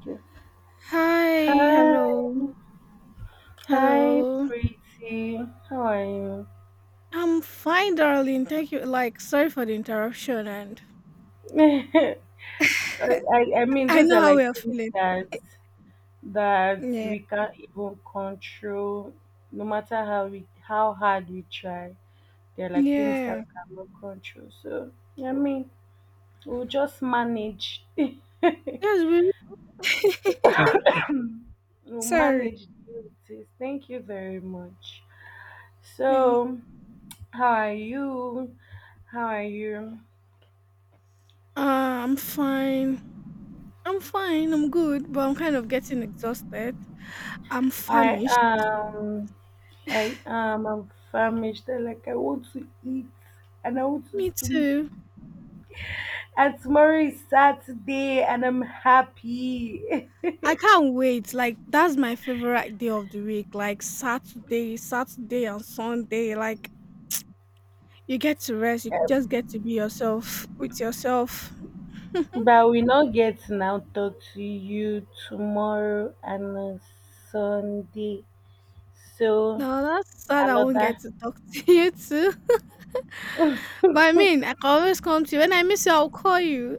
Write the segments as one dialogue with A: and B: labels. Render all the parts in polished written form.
A: Okay.
B: Hi, hello,
A: Hi, hi,
B: hello.
A: pretty. How are you?
B: I'm fine, darling. Thank you. Like, sorry for the interruption, and
A: I, I mean,
B: I
A: those
B: know
A: are
B: how
A: like
B: we are
A: things
B: feeling.
A: that
B: Yeah,
A: we can't even control, no matter how hard we try. They're like things that
B: yeah.
A: we cannot control. So I mean, we'll just manage.
B: Yes, we.
A: We'll
B: sorry.
A: manage this. Thank you very much.
B: Yeah.
A: So, how are you? How are you?
B: Uh, I'm fine. I'm fine. I'm good, but I'm kind of getting exhausted. I'm
A: I
B: famished.
A: am. I am. I'm famished. I want to eat and I want
B: Me
A: to sleep.
B: too.
A: And tomorrow is Saturday and I'm happy.
B: I can't wait. Like that's my favorite day of the week. Like Saturday and Sunday. Like you get to rest, you just get to be yourself with yourself.
A: But we not getting out talk to you tomorrow and on Sunday. So
B: No, that's sad I won't
A: another
B: get to talk to you too. But I mean, I can always come to you. When I miss you, I'll call you.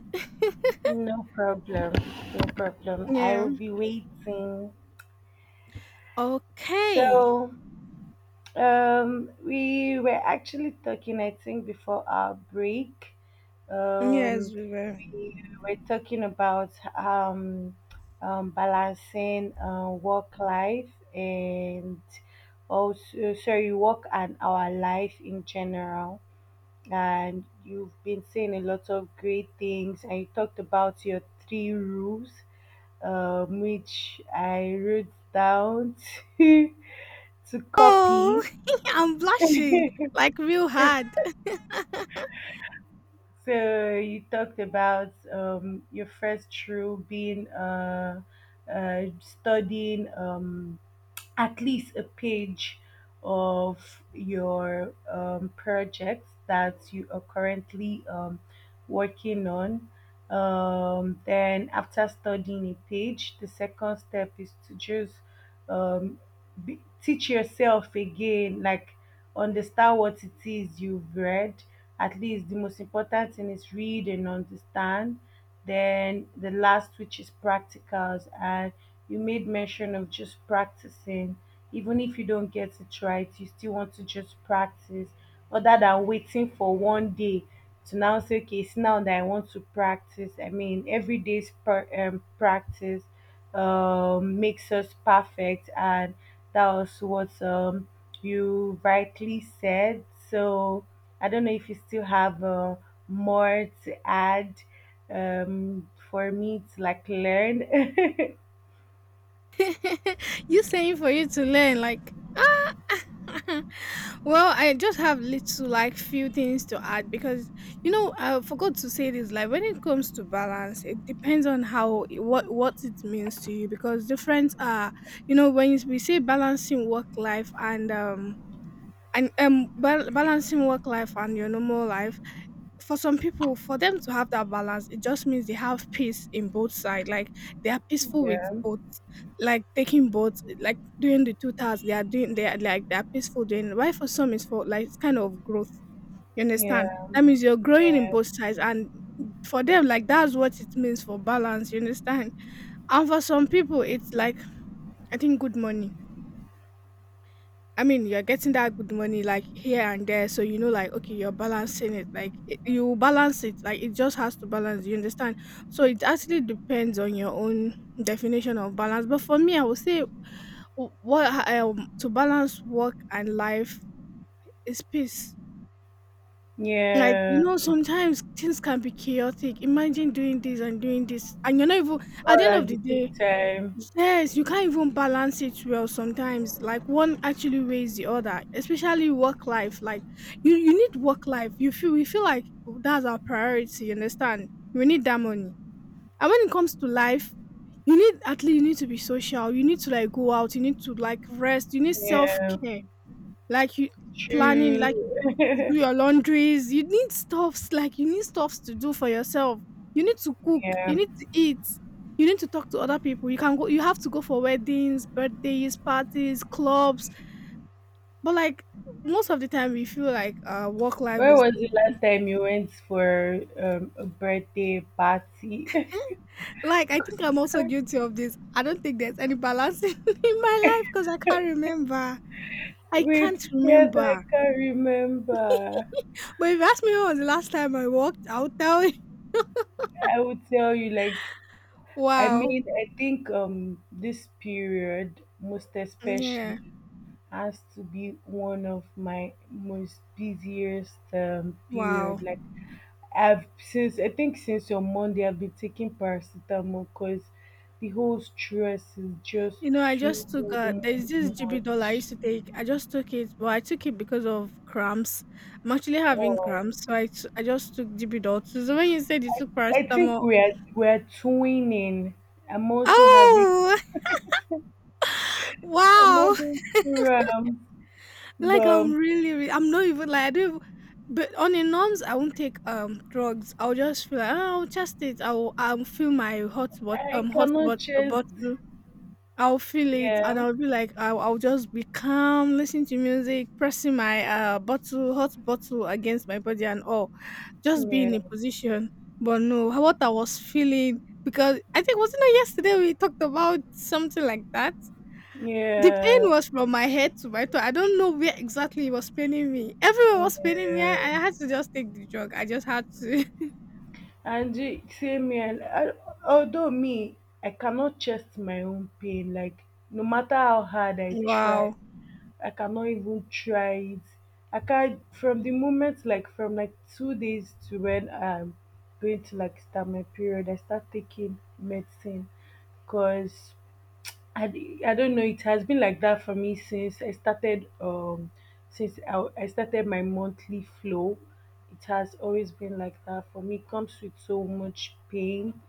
A: no problem. No problem. I
B: Yeah.
A: will be waiting.
B: Okay.
A: So, we were actually talking, I think, before our break. Um,
B: Yes, we will.
A: we were talking about um, balancing work life and also, sorry, work and our life in general. And you've been saying a lot of great things, and you talked about your three rules, which I wrote down to to
B: Oh,
A: copy.
B: I'm blushing like real hard.
A: So you talked about your first through being studying. At least a page of your project that you are currently working on. Then, after studying a page, the second step is to just um, teach yourself again, like understand what it is you've read. At least the most important thing is read and understand. Then the last, which is practicals, and you made mention of just practicing, even if you don't get it right, you still want to just practice, other than waiting for one day to now say, okay, it's now that I want to practice. I mean, every day's practice makes us perfect, and that was what you rightly said. So I don't know if you still have more to add for me to like learn.
B: you saying for you to learn, like well, I just have little, like, few things to add because you know I forgot to say this. Like when it comes to balance, it depends on how what it means to you because different are you know we say balancing work life and balancing work life and your normal life for some people, for them to have that balance, it just means they have peace in both sides. Like they are peaceful with
A: Yeah.
B: both, like taking both, like doing the two tasks. They are doing. They are like they are peaceful doing. Why for some is for like it's kind of growth. You understand?
A: Yeah,
B: That means you're growing in
A: yeah,
B: both sides, and for them, like that's what it means for balance. You understand? And for some people, it's like I think good money I mean, you're getting that good money like here and there, so you know, like okay, you're balancing it. Like it, you balance it, like it just has to balance. You understand? So it actually depends on your own definition of balance. But for me, I would say w- what to balance work and life is peace. Like you
A: yeah.
B: know, sometimes things can be chaotic. Imagine doing this, and you're not even at the
A: All
B: end of
A: at the
B: the day,
A: same time.
B: yes, you can't even balance it well sometimes. Like one actually weighs the other, especially work life. Like you need work life. You feel we feel like that's our priority, you understand? We need that money. And when it comes to life, you need at least you need to be social. You need to like go out, you need to like rest, you need self
A: Yeah,
B: care. Like you planning,
A: true.
B: like you do your laundries. You need stuffs like you need stuffs to do for yourself. You need to cook. You
A: Yeah.
B: need to eat. You need to talk to other people. You can go. You have to go for weddings, birthdays, parties, clubs. But like most of the time, we feel like work life
A: Where
B: is
A: was the last time you went for a birthday party?
B: like. I think
A: 'Cause
B: I'm
A: I
B: also
A: can't-
B: guilty of this. I don't think there's any balance in my life because I can't remember. I
A: We're
B: can't
A: together. I
B: remember.
A: can't remember.
B: But if you ask me when was the last time I worked, I'll tell you.
A: I would tell you, like, I
B: Wow.
A: mean, I think this period, most especially,
B: Yeah.
A: has to be one of my most busiest
B: Wow.
A: period. Like, I've since I think since on Monday I've been taking paracetamol because the whole stress is just
B: You know, I
A: too
B: just took there's this GB doll I
A: much.
B: used to take. I just took it, but I took it because of cramps. I'm actually having
A: Oh,
B: cramps, so I just took GB doll. So when you said you took
A: I think
B: paracetamol,
A: we are twinning. I'm also having
B: oh
A: I'm
B: wow!
A: having cramps,
B: Like
A: but
B: I'm really, I'm not even like I don't. Even, but on a norms, I won't take drugs. I'll just feel like oh, I'll just it. I'll feel my
A: I
B: hot
A: cannot
B: but
A: just
B: I'll feel it, and
A: yeah,
B: I'll be like, I'll just be calm, listening to music, pressing my bottle, hot bottle against my body, and all, just be
A: yeah,
B: in a position. But no, what I was feeling because I think wasn't it yesterday we talked about something like that. The pain
A: yeah,
B: was from my head to my toe. I don't know where exactly it was paining me. Everywhere was paining me. I,
A: yeah.
B: I had to just take the drug. I just had to.
A: And the same here. Although me, I cannot chest my own pain. Like, no matter how hard I try,
B: wow.
A: I cannot even try it. I can't From the moment, like from like 2 days to when I'm going to like start my period, I start taking medicine because I don't know. It has been like that for me since I started. Since I started my monthly flow, it has always been like that for me. It comes with so much pain.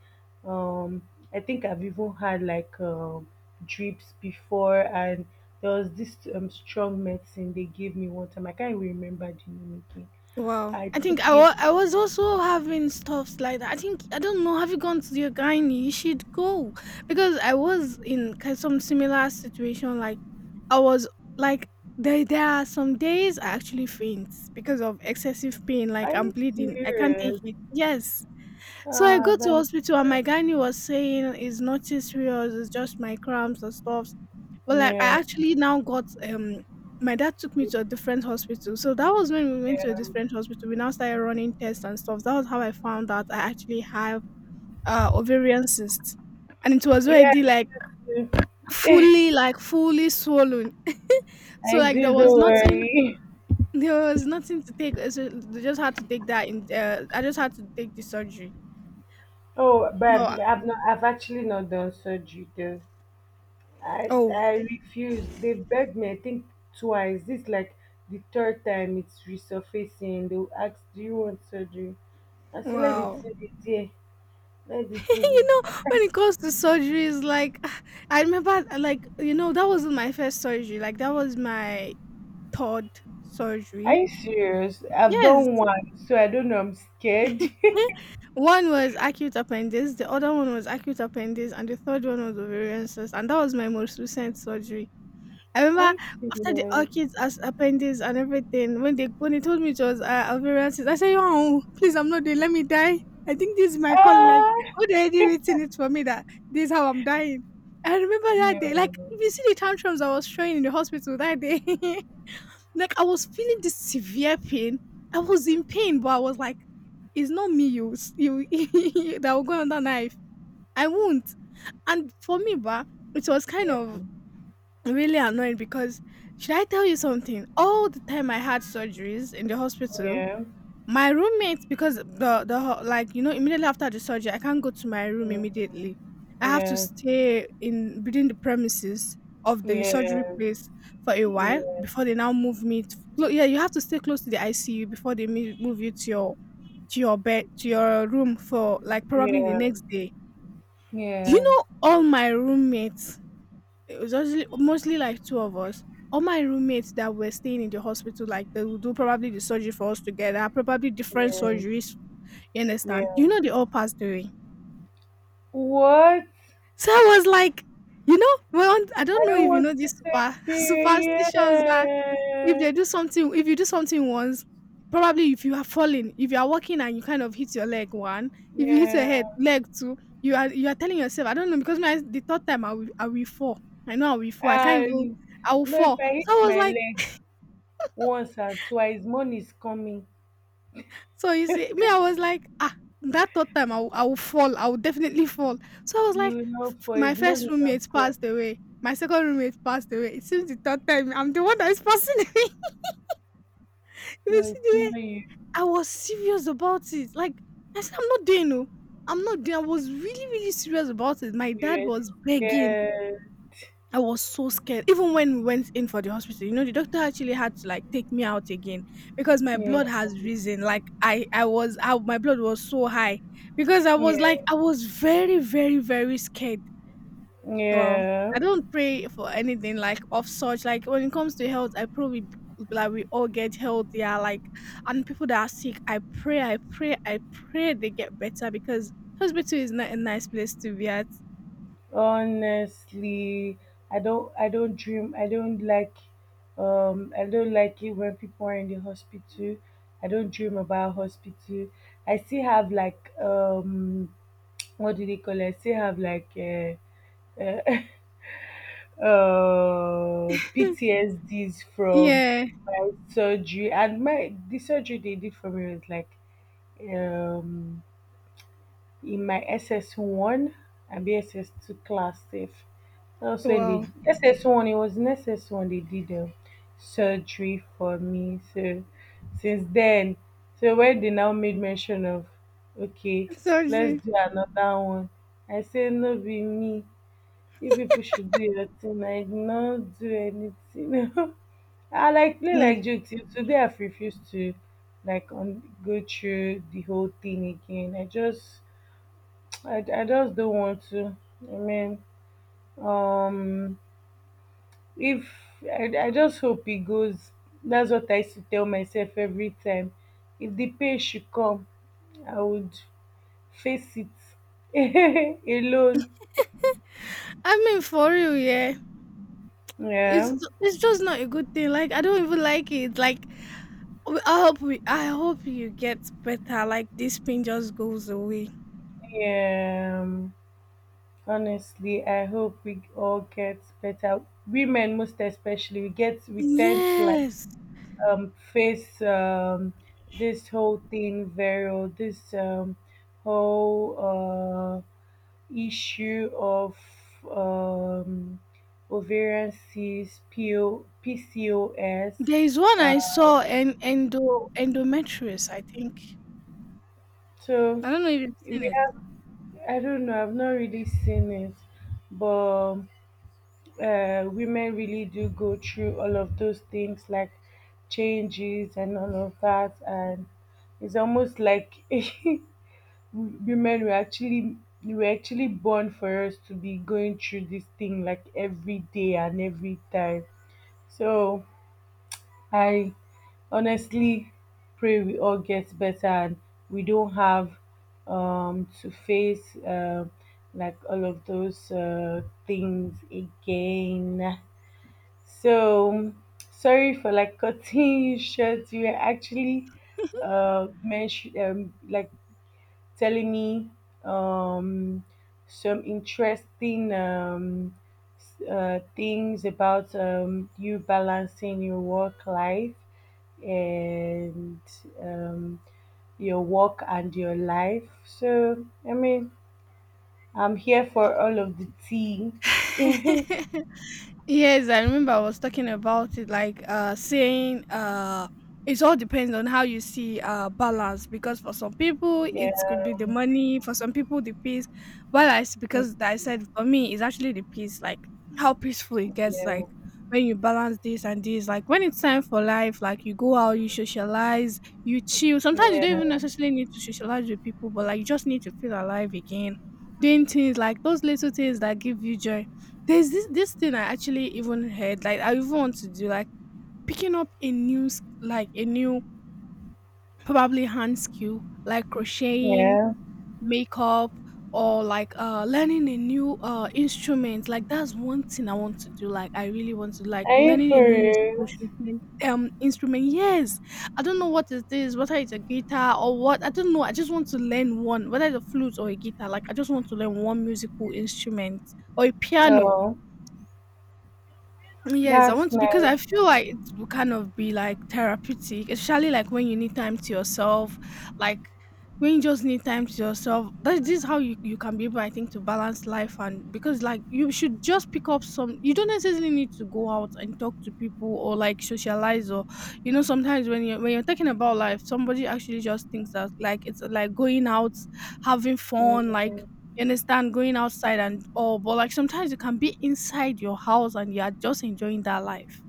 A: Um, I think I've even had like drips before, and there was this strong medicine they gave me one time. I can't even remember the name again.
B: Wow.
A: I
B: I think
A: took it.
B: I was also having stuffs like that. I think I don't know. Have you gone to your gynae? You should go because I was in some similar situation. Like I was like there are some days I actually faint because of excessive pain.
A: Are
B: Like I'm
A: you
B: bleeding. I can't take
A: serious?
B: it. Yes. So I
A: Ah,
B: go to
A: that's
B: hospital and my
A: bad.
B: gynae was saying it's nothing serious, it's just my cramps and stuff. But like I
A: Yeah.
B: actually now got my dad took me to a different hospital. So that was when we went to a
A: Yeah.
B: different hospital. We now started running tests and stuff. That was how I found out I actually have ovarian cysts. And it was
A: Yeah,
B: already
A: I do.
B: like fully swollen. So
A: I
B: like there
A: do.
B: was
A: Don't
B: nothing
A: worry.
B: there was nothing to take. So they just had to take that in I just had to take the surgery.
A: Oh, but
B: No I-
A: I've not. I've actually not done surgery though. I
B: oh
A: I refuse. They begged me. I think twice. This, like, the third time it's resurfacing. They will ask, "Do you want surgery?" I said, "Let the
B: wow.
A: thing be there. Let the thing be
B: you know,
A: there."
B: when it comes to surgeries, like I remember, like you know, that wasn't my first surgery. Like that was my third
A: Are
B: surgery.
A: you serious? I've
B: Yes,
A: done one, so I don't know. I'm scared.
B: one was acute appendix, the other one was acute appendix, and the third one was ovarian cyst, and that was my most recent surgery. I
A: Are
B: remember
A: you
B: after the
A: serious?
B: orchids as appendix and everything, when they told me it was ovarian cyst, I said, "Oh, please, I'm not there. Let me die. I think this is my call. Like,
A: Ah,
B: God already written it for me that this is how I'm dying." I remember that day, like
A: no.
B: if you see the tantrums I was showing in the hospital that day, like I was feeling this severe pain. I was in pain, but I was like, "It's not me, you that will go on that knife. I won't." And for me, bah, it was kind
A: Yeah.
B: of really annoying because should I tell you something? All the time I had surgeries in the hospital,
A: Yeah.
B: my roommate because like you know immediately after the surgery I can't go to my room
A: Mm,
B: immediately. I have to
A: yeah.
B: stay in within the premises of the surgery
A: Yeah,
B: place for a while
A: yeah,
B: before they now move me. Yeah, you have to stay close to the ICU before they move you to your bed to your room for like probably the
A: yeah,
B: next day. Do you
A: yeah,
B: know all my roommates it was mostly like 2 of us. All my roommates that were staying in the hospital, like they will do probably the surgery for us together, probably different
A: yeah,
B: surgeries. You understand?
A: yeah.
B: You know, they all passed away.
A: What? I
B: So I was like, you know, well, I don't know
A: don't
B: if you
A: want
B: know
A: you
B: these super
A: to
B: superstitions that if they
A: experience.
B: do something, if you do something once, probably if you are falling, if you are walking and you kind of hit your leg one,
A: Yeah,
B: if you hit your head,
A: yeah.
B: leg two, you are telling yourself, I don't know, because my the third time I will fall. I know I will fall. I can't even
A: And
B: I will
A: no,
B: fall.
A: if I
B: So
A: hit
B: I was
A: my
B: like,
A: leg once or twice, money is coming.
B: so you see, me, I was like, ah, that third time I will fall. I will definitely fall. So I was like,
A: You know, for
B: my
A: his
B: first
A: money will
B: roommate passed
A: come.
B: away. My second roommate passed away. It seems the third time I'm the one that is passing away. You
A: No,
B: see the
A: it's
B: way
A: not you.
B: I was serious about it. Like I said, I'm not doing no. I'm not doing. I was really, really serious about it. My dad
A: Yes.
B: was begging.
A: Yeah,
B: I was so scared. Even when we went in for the hospital, you know, the doctor actually had to like take me out again because my blood
A: yeah,
B: has risen. Like my blood was so high because I was like,
A: yeah,
B: I was very, very, very scared. Well,
A: yeah.
B: I don't pray for anything like of such. Like when it comes to health, I probably like we all get healthier. Like and people that are sick, I pray they get better because hospital is not a nice place to be at.
A: Honestly, I don't I don't dream I don't like I don't like it when people are in the hospital. I don't dream about hospital. I still have like what do they call it? I still have like PTSDs from
B: yeah.
A: my surgery, and my the surgery they did for me was like um in my SS1 and be SS2 class safe. That's when they
B: Wow.
A: SS1, it was in SS1 they did surgery for me. So since then, so when they now made mention of, okay, let's
B: Surgery.
A: do another one. I say no be me. You people should do your thing. I did not do anything. I like play
B: Like,
A: like joke till today. I've refused to go through the whole thing again. I just don't want to. I mean, um, if I just hope it goes. That's what I used to tell myself every time. If the pain should come, I would face it alone.
B: I mean, for real, yeah. It's
A: Yeah,
B: it's just not a good thing. Like I don't even like it. Like I hope we, I hope you get better. Like this pain just goes away.
A: yeah. Honestly, I hope we all get better. Women, most especially, we tend to like
B: Yes.
A: face this whole thing viral, this whole issue of um, ovarian cysts, POPCOS.
B: There is one I
A: Uh,
B: saw and endometriosis, I think.
A: so
B: I don't know if you've
A: we
B: seen
A: have, I don't know, I've not really seen it, but women really do go through all of those things like changes and all of that. And it's almost like women were actually born for us to be going through this thing like every day and every time. So I honestly pray we all get better and we don't have to face like all of those things again. So, sorry for like cutting you short. You were actually mention like telling me um, some interesting things about you balancing your work life and um, your work and your life. So, I mean, I'm here for all of the tea. Yeah,
B: it. Yes, I remember I was talking about it, like saying it all depends on how you see balance because for some people it could be the money, for some people the peace. Because I said for me it's actually the peace, like how peaceful it gets,
A: yeah,
B: like when you balance this and this, like when it's time for life, like you go out, you socialize, you chill. Sometimes you don't even
A: yeah,
B: necessarily need to socialize with people, but like you just need to feel alive again. Doing things like those little things that give you joy, there's this thing I actually even heard, like I even want to do, like picking up a like a new probably hand skill, like crocheting,
A: yeah.
B: makeup, or like learning a new instrument. Like that's one thing I want to do. Like I really want to like
A: Are you
B: learning
A: for
B: a new musical
A: real?
B: instrument instrument. Yes. I don't know what it is, whether it's a guitar or what. I don't know. I just want to learn one, whether it's a flute or a guitar, like I just want to learn one musical instrument or a piano.
A: Oh,
B: Yes, I
A: that's
B: want to because
A: nice.
B: I feel like it will kind of be like therapeutic, especially like when you need time to yourself, like when you just need time to yourself. That this is how you can be able, I think, to balance life. And because like you should just pick up some, you don't necessarily need to go out and talk to people or like socialize, or sometimes when you're talking about life, somebody actually just thinks that like it's like going out, having fun, like
A: Mm,
B: you understand? Going outside and all, but like sometimes you can be inside your house and you are just enjoying that life.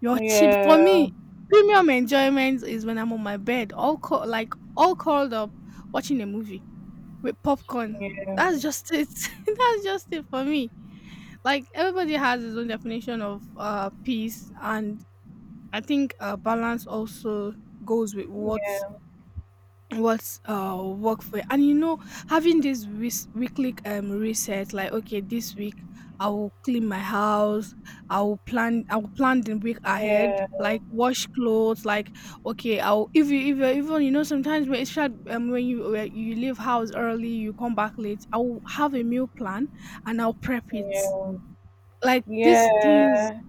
B: Your cheap for
A: yeah,
B: me, premium enjoyment is when I'm on my bed, all like all curled up, watching a movie with popcorn.
A: yeah,
B: That's just it. That's just it for me. Like everybody has his own definition of peace, and I think balance also goes with what
A: yeah.
B: what's work for you. And you know, having this weekly reset, like okay, this week I will clean my house, I will plan the week ahead,
A: Yeah,
B: like wash clothes, like okay, I'll, if you even, you know, sometimes when it's short, when you leave house early, you come back late, I'll have a meal plan and I'll prep it,
A: yeah,
B: like these things.
A: yeah.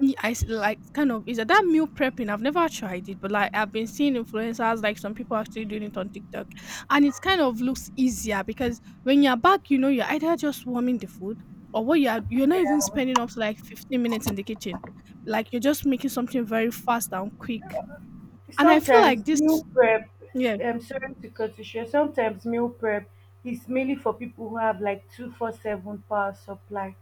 B: Ye I s Like, kind of, is that, that meal prepping? I've never tried it, but, like, I've been seeing influencers, like, some people actually doing it on TikTok, and it's kind of looks easier because when you're back, you know, you're either just warming the food or what you are you're not even spending up to, like, 15 minutes in the kitchen. Like, you're just making something very fast and quick, and I feel
A: Sometimes
B: like this.
A: meal prep,
B: Yeah,
A: I'm sorry to cut you short. Sometimes meal prep is mainly for people who have like 24/7 power supply.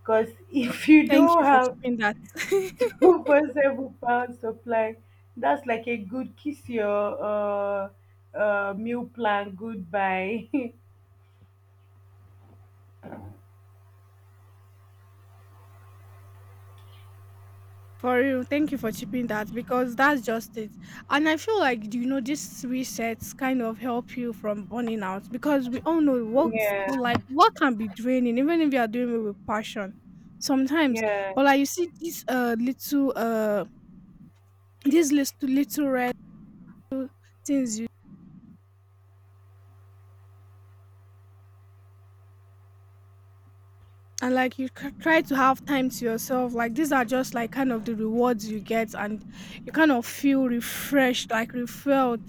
A: Because if you
B: thank you
A: don't
B: for
A: have
B: tipping that.
A: 24/7 power supply, that's like a good kiss your uh, meal plan goodbye.
B: For real, thank you for chipping that because that's just it. And I feel like, you know, these resets kind of help you from burning out, because we all know work,
A: Yeah,
B: like work can be draining even if you are doing it with passion sometimes.
A: yeah,
B: But like you see these little these little little red things you, and like you try to have time to yourself. Like these are just like kind of the rewards you get, and you kind of feel refreshed, like refilled.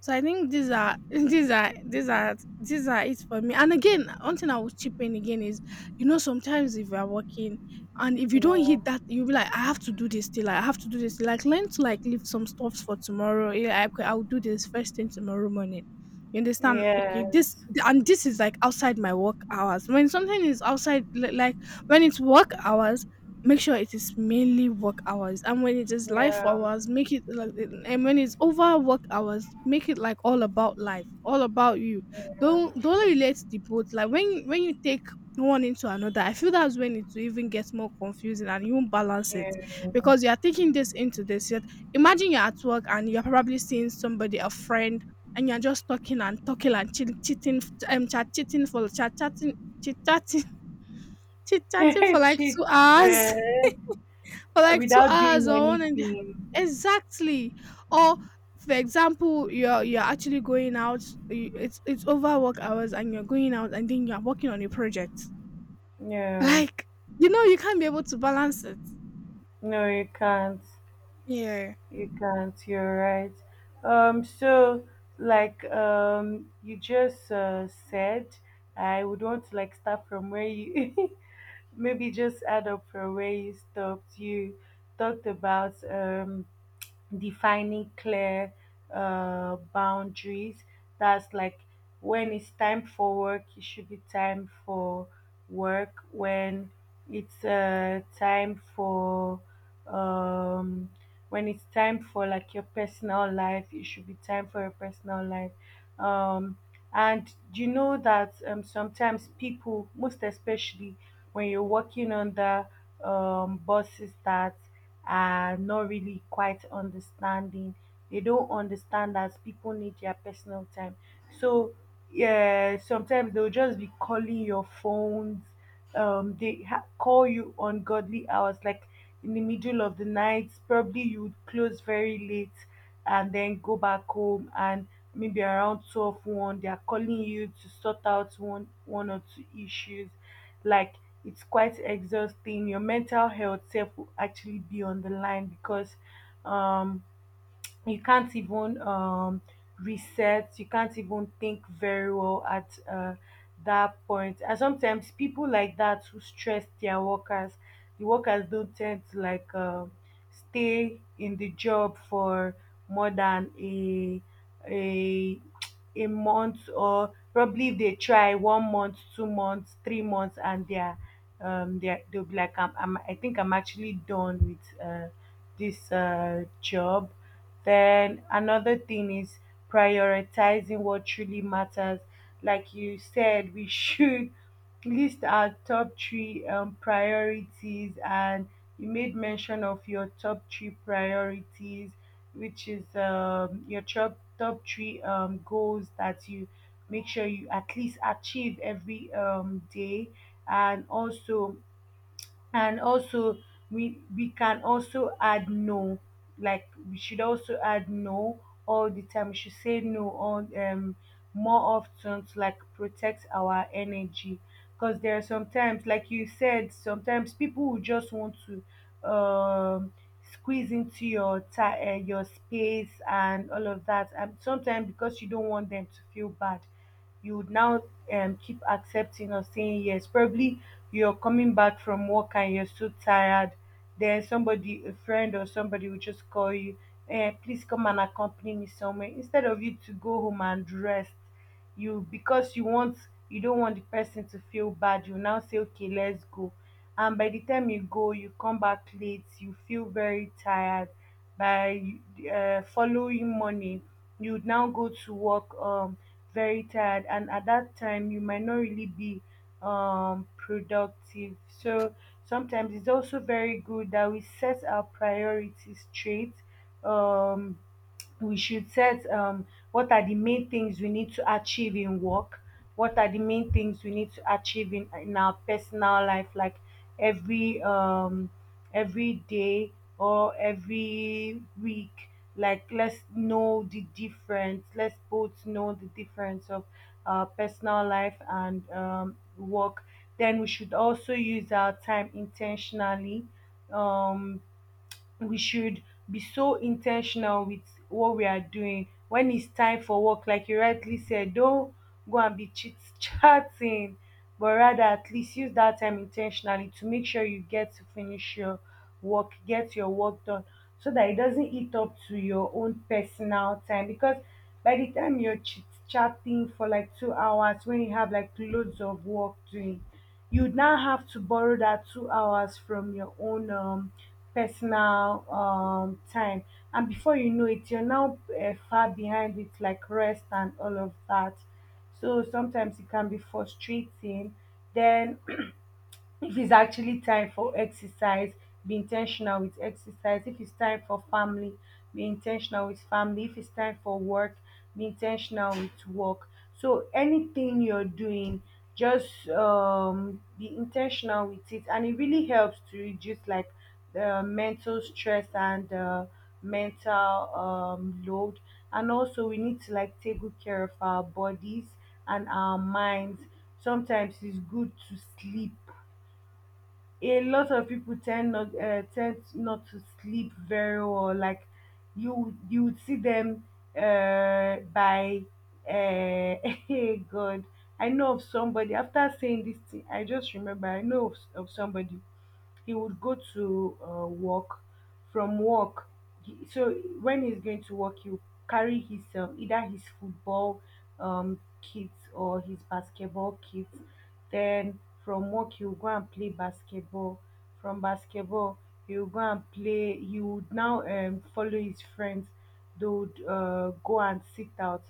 B: So I think these are these are it for me. And again, one thing I would chip in again is, you know, sometimes if you are working and if you don't
A: yeah,
B: hit that, you'll be like, I have to do this still. I have to do this. Like learn to like leave some stuff for tomorrow. Yeah, I'll do this first thing tomorrow morning. You understand? Okay, this,
A: yes,
B: and this is like outside my work hours. When something is outside, like when it's work hours, make sure it is mainly work hours, and when it is life
A: yeah,
B: hours, make it like, and when it's over work hours, make it like all about life, all about you. Don't relate the both. Like when you take one into another, I feel that's when it will even get more confusing and you won't balance it
A: yeah.
B: because you are taking this into this. Yet imagine you're at work and you're probably seeing somebody, a friend, and you're just talking and talking and chit cheating, chat cheating for chat chatting, chit chatting, chit chatting for like
A: Cheat,
B: two
A: yeah,
B: hours for like two
A: without
B: hours
A: doing
B: or one, and
A: anything.
B: exactly. Or for example, you're actually going out, it's over work hours and you're going out and then you're working on a project,
A: No,
B: like, you know, you can't be able to balance it.
A: no, you can't.
B: Yeah.
A: You can't. You're right. So, like, you just said I would want to like start from where you maybe just add up from where you stopped. You talked about defining clear boundaries. That's like, when it's time for work, it should be time for work. When it's time for um, when it's time for like your personal life, it should be time for your personal life. Um, and you know that sometimes people, most especially when you're working under bosses that are not really quite understanding. They don't understand that people need their personal time. So yeah, sometimes they'll just be calling your phones. They call you on godly hours, like in the middle of the night. Probably you would close very late and then go back home, and maybe around 12, 1 they are calling you to sort out one or two issues, like, it's quite exhausting. Your mental health self will actually be on the line, because um you can't even reset you can't even think very well at that point. And sometimes people like that who stress their workers, the workers don't tend to like stay in the job for more than a a month, or probably if they try 1 month, 2 months, 3 months, and they're they'll be like, I think I'm actually done with this job. Then another thing is prioritizing what truly matters. Like you said, we should list our top three priorities, and you made mention of your top three priorities, which is your top three goals that you make sure you at least achieve every day. And also, and also we can also add no, like, we should also add no all the time, we should say no on more often, to like protect our energy, because there are sometimes, like you said, sometimes people who just want to squeeze into your your space and all of that. And sometimes, because you don't want them to feel bad, you would now keep accepting or saying yes. Probably you're coming back from work and you're so tired, then somebody, a friend or somebody, will just call you, eh, please come and accompany me somewhere. Instead of you to go home and rest, you because you want you don't want the person to feel bad, you now say, okay, let's go. And by the time you go, you come back late, you feel very tired by following morning you would now go to work very tired, and at that time you might not really be productive. So sometimes it's also very good that we set our priorities straight. um, we should set what are the main things we need to achieve in work, what are the main things we need to achieve in our personal life, like every um every day or every week. Like, let's know the difference, let's both know the difference of personal life and work. Then we should also use our time intentionally. um we should be so intentional with what we are doing. When it's time for work, like you rightly said, don't go and be chit chatting, but rather at least use that time intentionally to make sure you get to finish your work, get your work done, so that it doesn't eat up to your own personal time. Because by the time you're chit chatting for like 2 hours when you have like loads of work doing, you'd now have to borrow that 2 hours from your own personal time. And before you know it, you're now far behind with like rest and all of that. So sometimes it can be frustrating. Then if it's actually time for exercise, be intentional with exercise. If it's time for family, be intentional with family. If it's time for work, be intentional with work. So anything you're doing, just be intentional with it, and it really helps to reduce like the mental stress and mental load. And also we need to like take good care of our bodies and our minds. Sometimes it's good to sleep. A lot of people tend not to sleep very well. Like, you would see them by uh, hey God. I know of somebody. After saying this thing, I just remember I know of somebody. He would go to work. From work, he- so when he's going to work he'll carry his either his football kits or his basketball kits. Then from work he'll go and play basketball. From basketball he'll go and play he would now follow his friends. They would go and sit out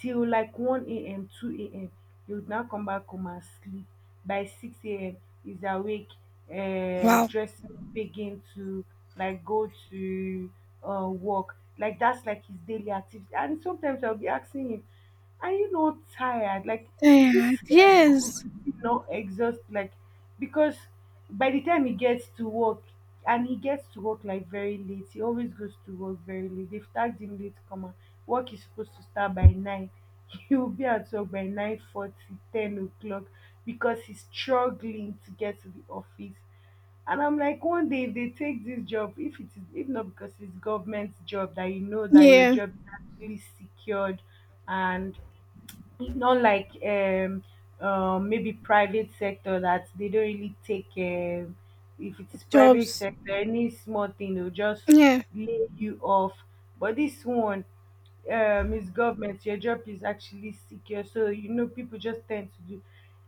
A: till like 1 a.m., 2 a.m. He would now come back home and sleep. By 6 a.m. he's awake,
B: Wow.
A: dressing, begin to like go to work. Like that's like his daily activity. And sometimes I'll be asking him, are you not tired? Like, is this
B: Yeah.
A: guy
B: Yes.
A: not exhausted? Like, because by the time he gets to work, and he gets to work like very late, he always goes to work very late. They've tagged him late, come on. Work is supposed to start by nine. He will be at work by 9:40, 10 o'clock, because he's struggling to get to the office. And I'm like, one day if they take this job, if it is, if not because it's government job, that you know that your
B: Yeah.
A: job is actually secured. And not like maybe private sector, that they don't really take if it is private
B: Jobs.
A: sector, any small thing they'll just
B: Yeah.
A: lay you off. But this one is government, your job is actually secure, so you know people just tend to do.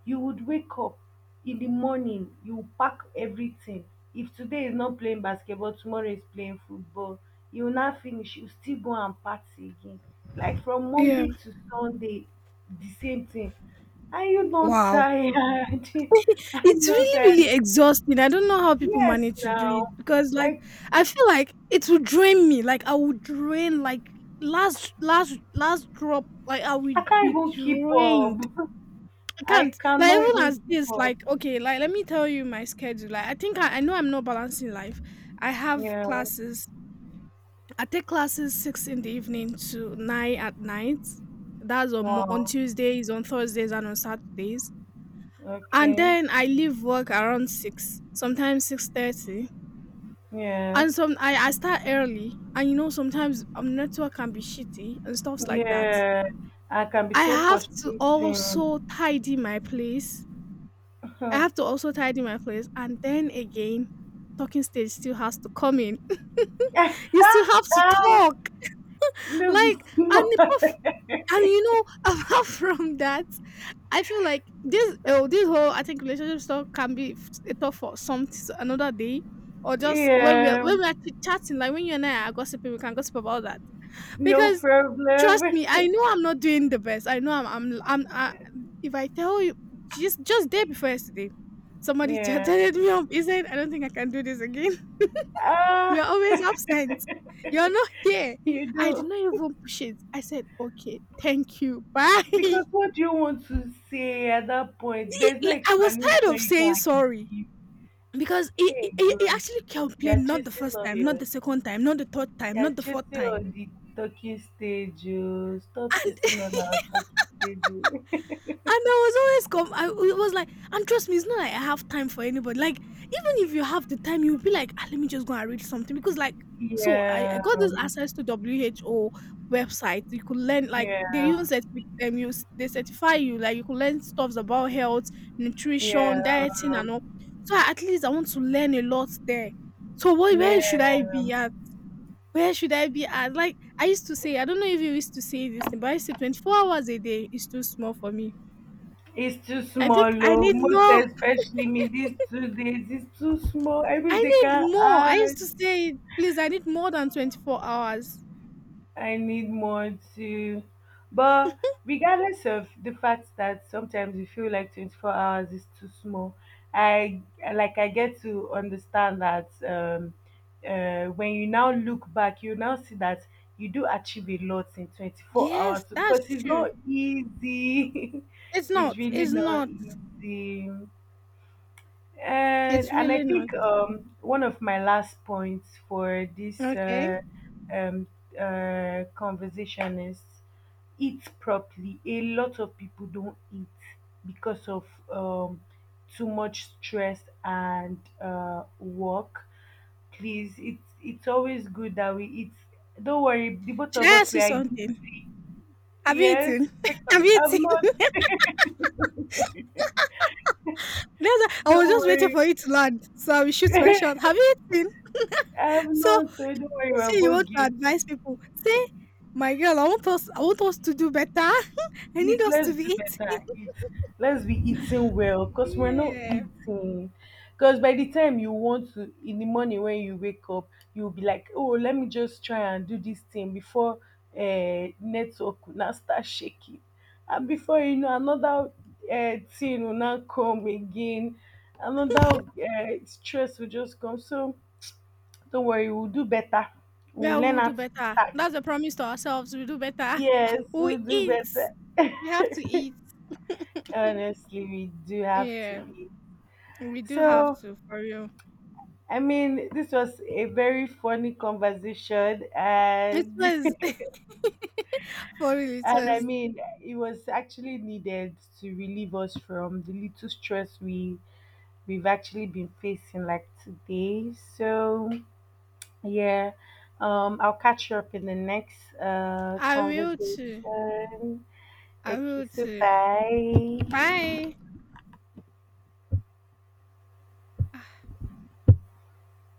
A: You would wake up in the morning, you pack everything. If today is not playing basketball, tomorrow is playing football. You will not finish, you still go and party again, like from
B: Yeah.
A: Monday to Sunday, the same thing. Are you not
B: Wow.
A: tired? Are you
B: It's
A: not
B: really,
A: tired?
B: really exhausting. I don't know how people
A: Yes,
B: manage to do it
A: now.
B: because, like,
A: Like,
B: I feel like it will drain me. Like, I will drain, like, last, last, last drop. Like, I
A: I
B: will
A: can't
B: be
A: even keep up.
B: drained. I
A: I
B: can't. Like,
A: cannot
B: even
A: even
B: as
A: keep
B: this,
A: up.
B: like, okay, like, let me tell you my schedule. Like, I think I know I'm not balancing life. I have
A: Yeah.
B: classes. I take classes 6 in the evening to 9 at night. That's on on
A: Wow.
B: Tuesdays, on Thursdays, and on Saturdays, and
A: Okay.
B: then I leave work around 6, sometimes 6:30,
A: Yeah.
B: and some I start early, and you know sometimes network can be shitty and stuffs like that.
A: Yeah. I can be
B: I
A: so
B: have to also
A: frustrating.
B: tidy my place. I
A: Ah,
B: have to also tidy my place, and then again, talking stage still has to come in. You still have to talk,
A: no, be
B: like,
A: smart.
B: and you know, apart from that, I feel like this, oh, this whole, I think, relationship stuff can be a talk for some another day, or just
A: Yeah.
B: when we're actually chatting, like when you and I are gossiping, we can gossip about that.
A: No
B: Because trust
A: problem.
B: me, I know I'm not doing the best. I know if I tell you, just day before yesterday, somebody
A: Yeah.
B: chatted me up. He said, I don't think I can do this again. You're
A: Ah,
B: always absent. You're not here.
A: you
B: I did
A: do.
B: not even push it. I said, okay, thank you. Bye.
A: Because what do you want to say at that point?
B: It,
A: There's no
B: like, I was tired
A: explanation
B: of
A: you
B: saying
A: can
B: sorry
A: give.
B: because
A: Hey
B: he
A: God,
B: actually
A: you're
B: complained not the
A: chasing
B: first time, not the
A: lawyers.
B: second time, not the third time,
A: You're
B: not the fourth
A: chasing
B: time.
A: all the talking stage, oh. Stop
B: And
A: chasing all our talking stage, oh.
B: And I was always com I it was like, and trust me, it's not like I have time for anybody. Like, even if you have the time, you'll be like, "Ah, let me just go and read something," because like, so I got
A: Yeah,
B: this access to WHO website. You could learn, like, they
A: yeah,
B: even certifi you s they certify you, like you could learn stuffs about health, nutrition,
A: yeah,
B: dieting and all. At least I want to learn a lot there. So what, where should
A: yeah.
B: I be at? Where should I be at? Like, I used to say, I don't know if you used to say this thing, but I used to say 24 hours a day is too small for me.
A: It's too
B: I think
A: small,
B: I
A: oh.
B: need
A: Most
B: more.
A: especially me these 2 days. It's too small. I wish
B: I
A: they
B: need
A: can
B: more. I
A: add.
B: used to say, please, I need more than 24 hours.
A: I need more to, but regardless of the fact that sometimes you feel like 24 hours is too small, I I get to understand that when you now look back, you now see that you do achieve a lot in 24 hours,
B: Yes, that's
A: because it's
B: true.
A: not easy.
B: It's
A: It's
B: not.
A: really
B: It's
A: not
B: not.
A: easy. And
B: It's
A: I
B: really not.
A: think one of my last points for this
B: Okay.
A: um, conversation is eat properly. A lot of people don't eat because of too much stress and work. Please, it's always good that we eat. Don't worry, the both
B: Should
A: of
B: I
A: us
B: ask
A: we
B: you
A: are
B: something? Have you
A: yes.
B: eaten?
A: Like,
B: Have you eaten?
A: I'm not.
B: That's why I
A: Don't
B: was just waiting
A: worry.
B: for you to land. So I will shoot my shot. Have you eaten?
A: I'm
B: So
A: not. Don't worry.
B: you
A: We're
B: say you
A: both
B: want to
A: guilty.
B: advise people. Say, my girl, I want us to do better. I need
A: Please,
B: us
A: let's
B: to be
A: do
B: eating.
A: better. Eat. Let's be eating well because we're not
B: Yeah.
A: eating. Because by the time you want to, in the morning when you wake up, you'll be like, oh, let me just try and do this thing before network will now start shaking. And before you know, another thing will now come again. Another stress will just come. So don't worry, we'll do better.
B: Yeah,
A: We'll learn
B: we'll
A: how
B: do
A: to
B: better.
A: start.
B: That's a promise to ourselves. We'll do better.
A: Yes,
B: We
A: we'll do
B: eat.
A: better.
B: We have to eat.
A: Honestly, we do have to
B: Yeah,
A: eat.
B: we do have
A: So,
B: to for real.
A: I mean, this was a very funny conversation,
B: It
A: and
B: was for real. It
A: and I
B: was.
A: mean, it was actually needed to relieve us from the little stress we've actually been facing like today. So, yeah, I'll catch you up in the next
B: I will too.
A: conversation.
B: I
A: Okay,
B: will
A: so
B: too.
A: bye.
B: Bye.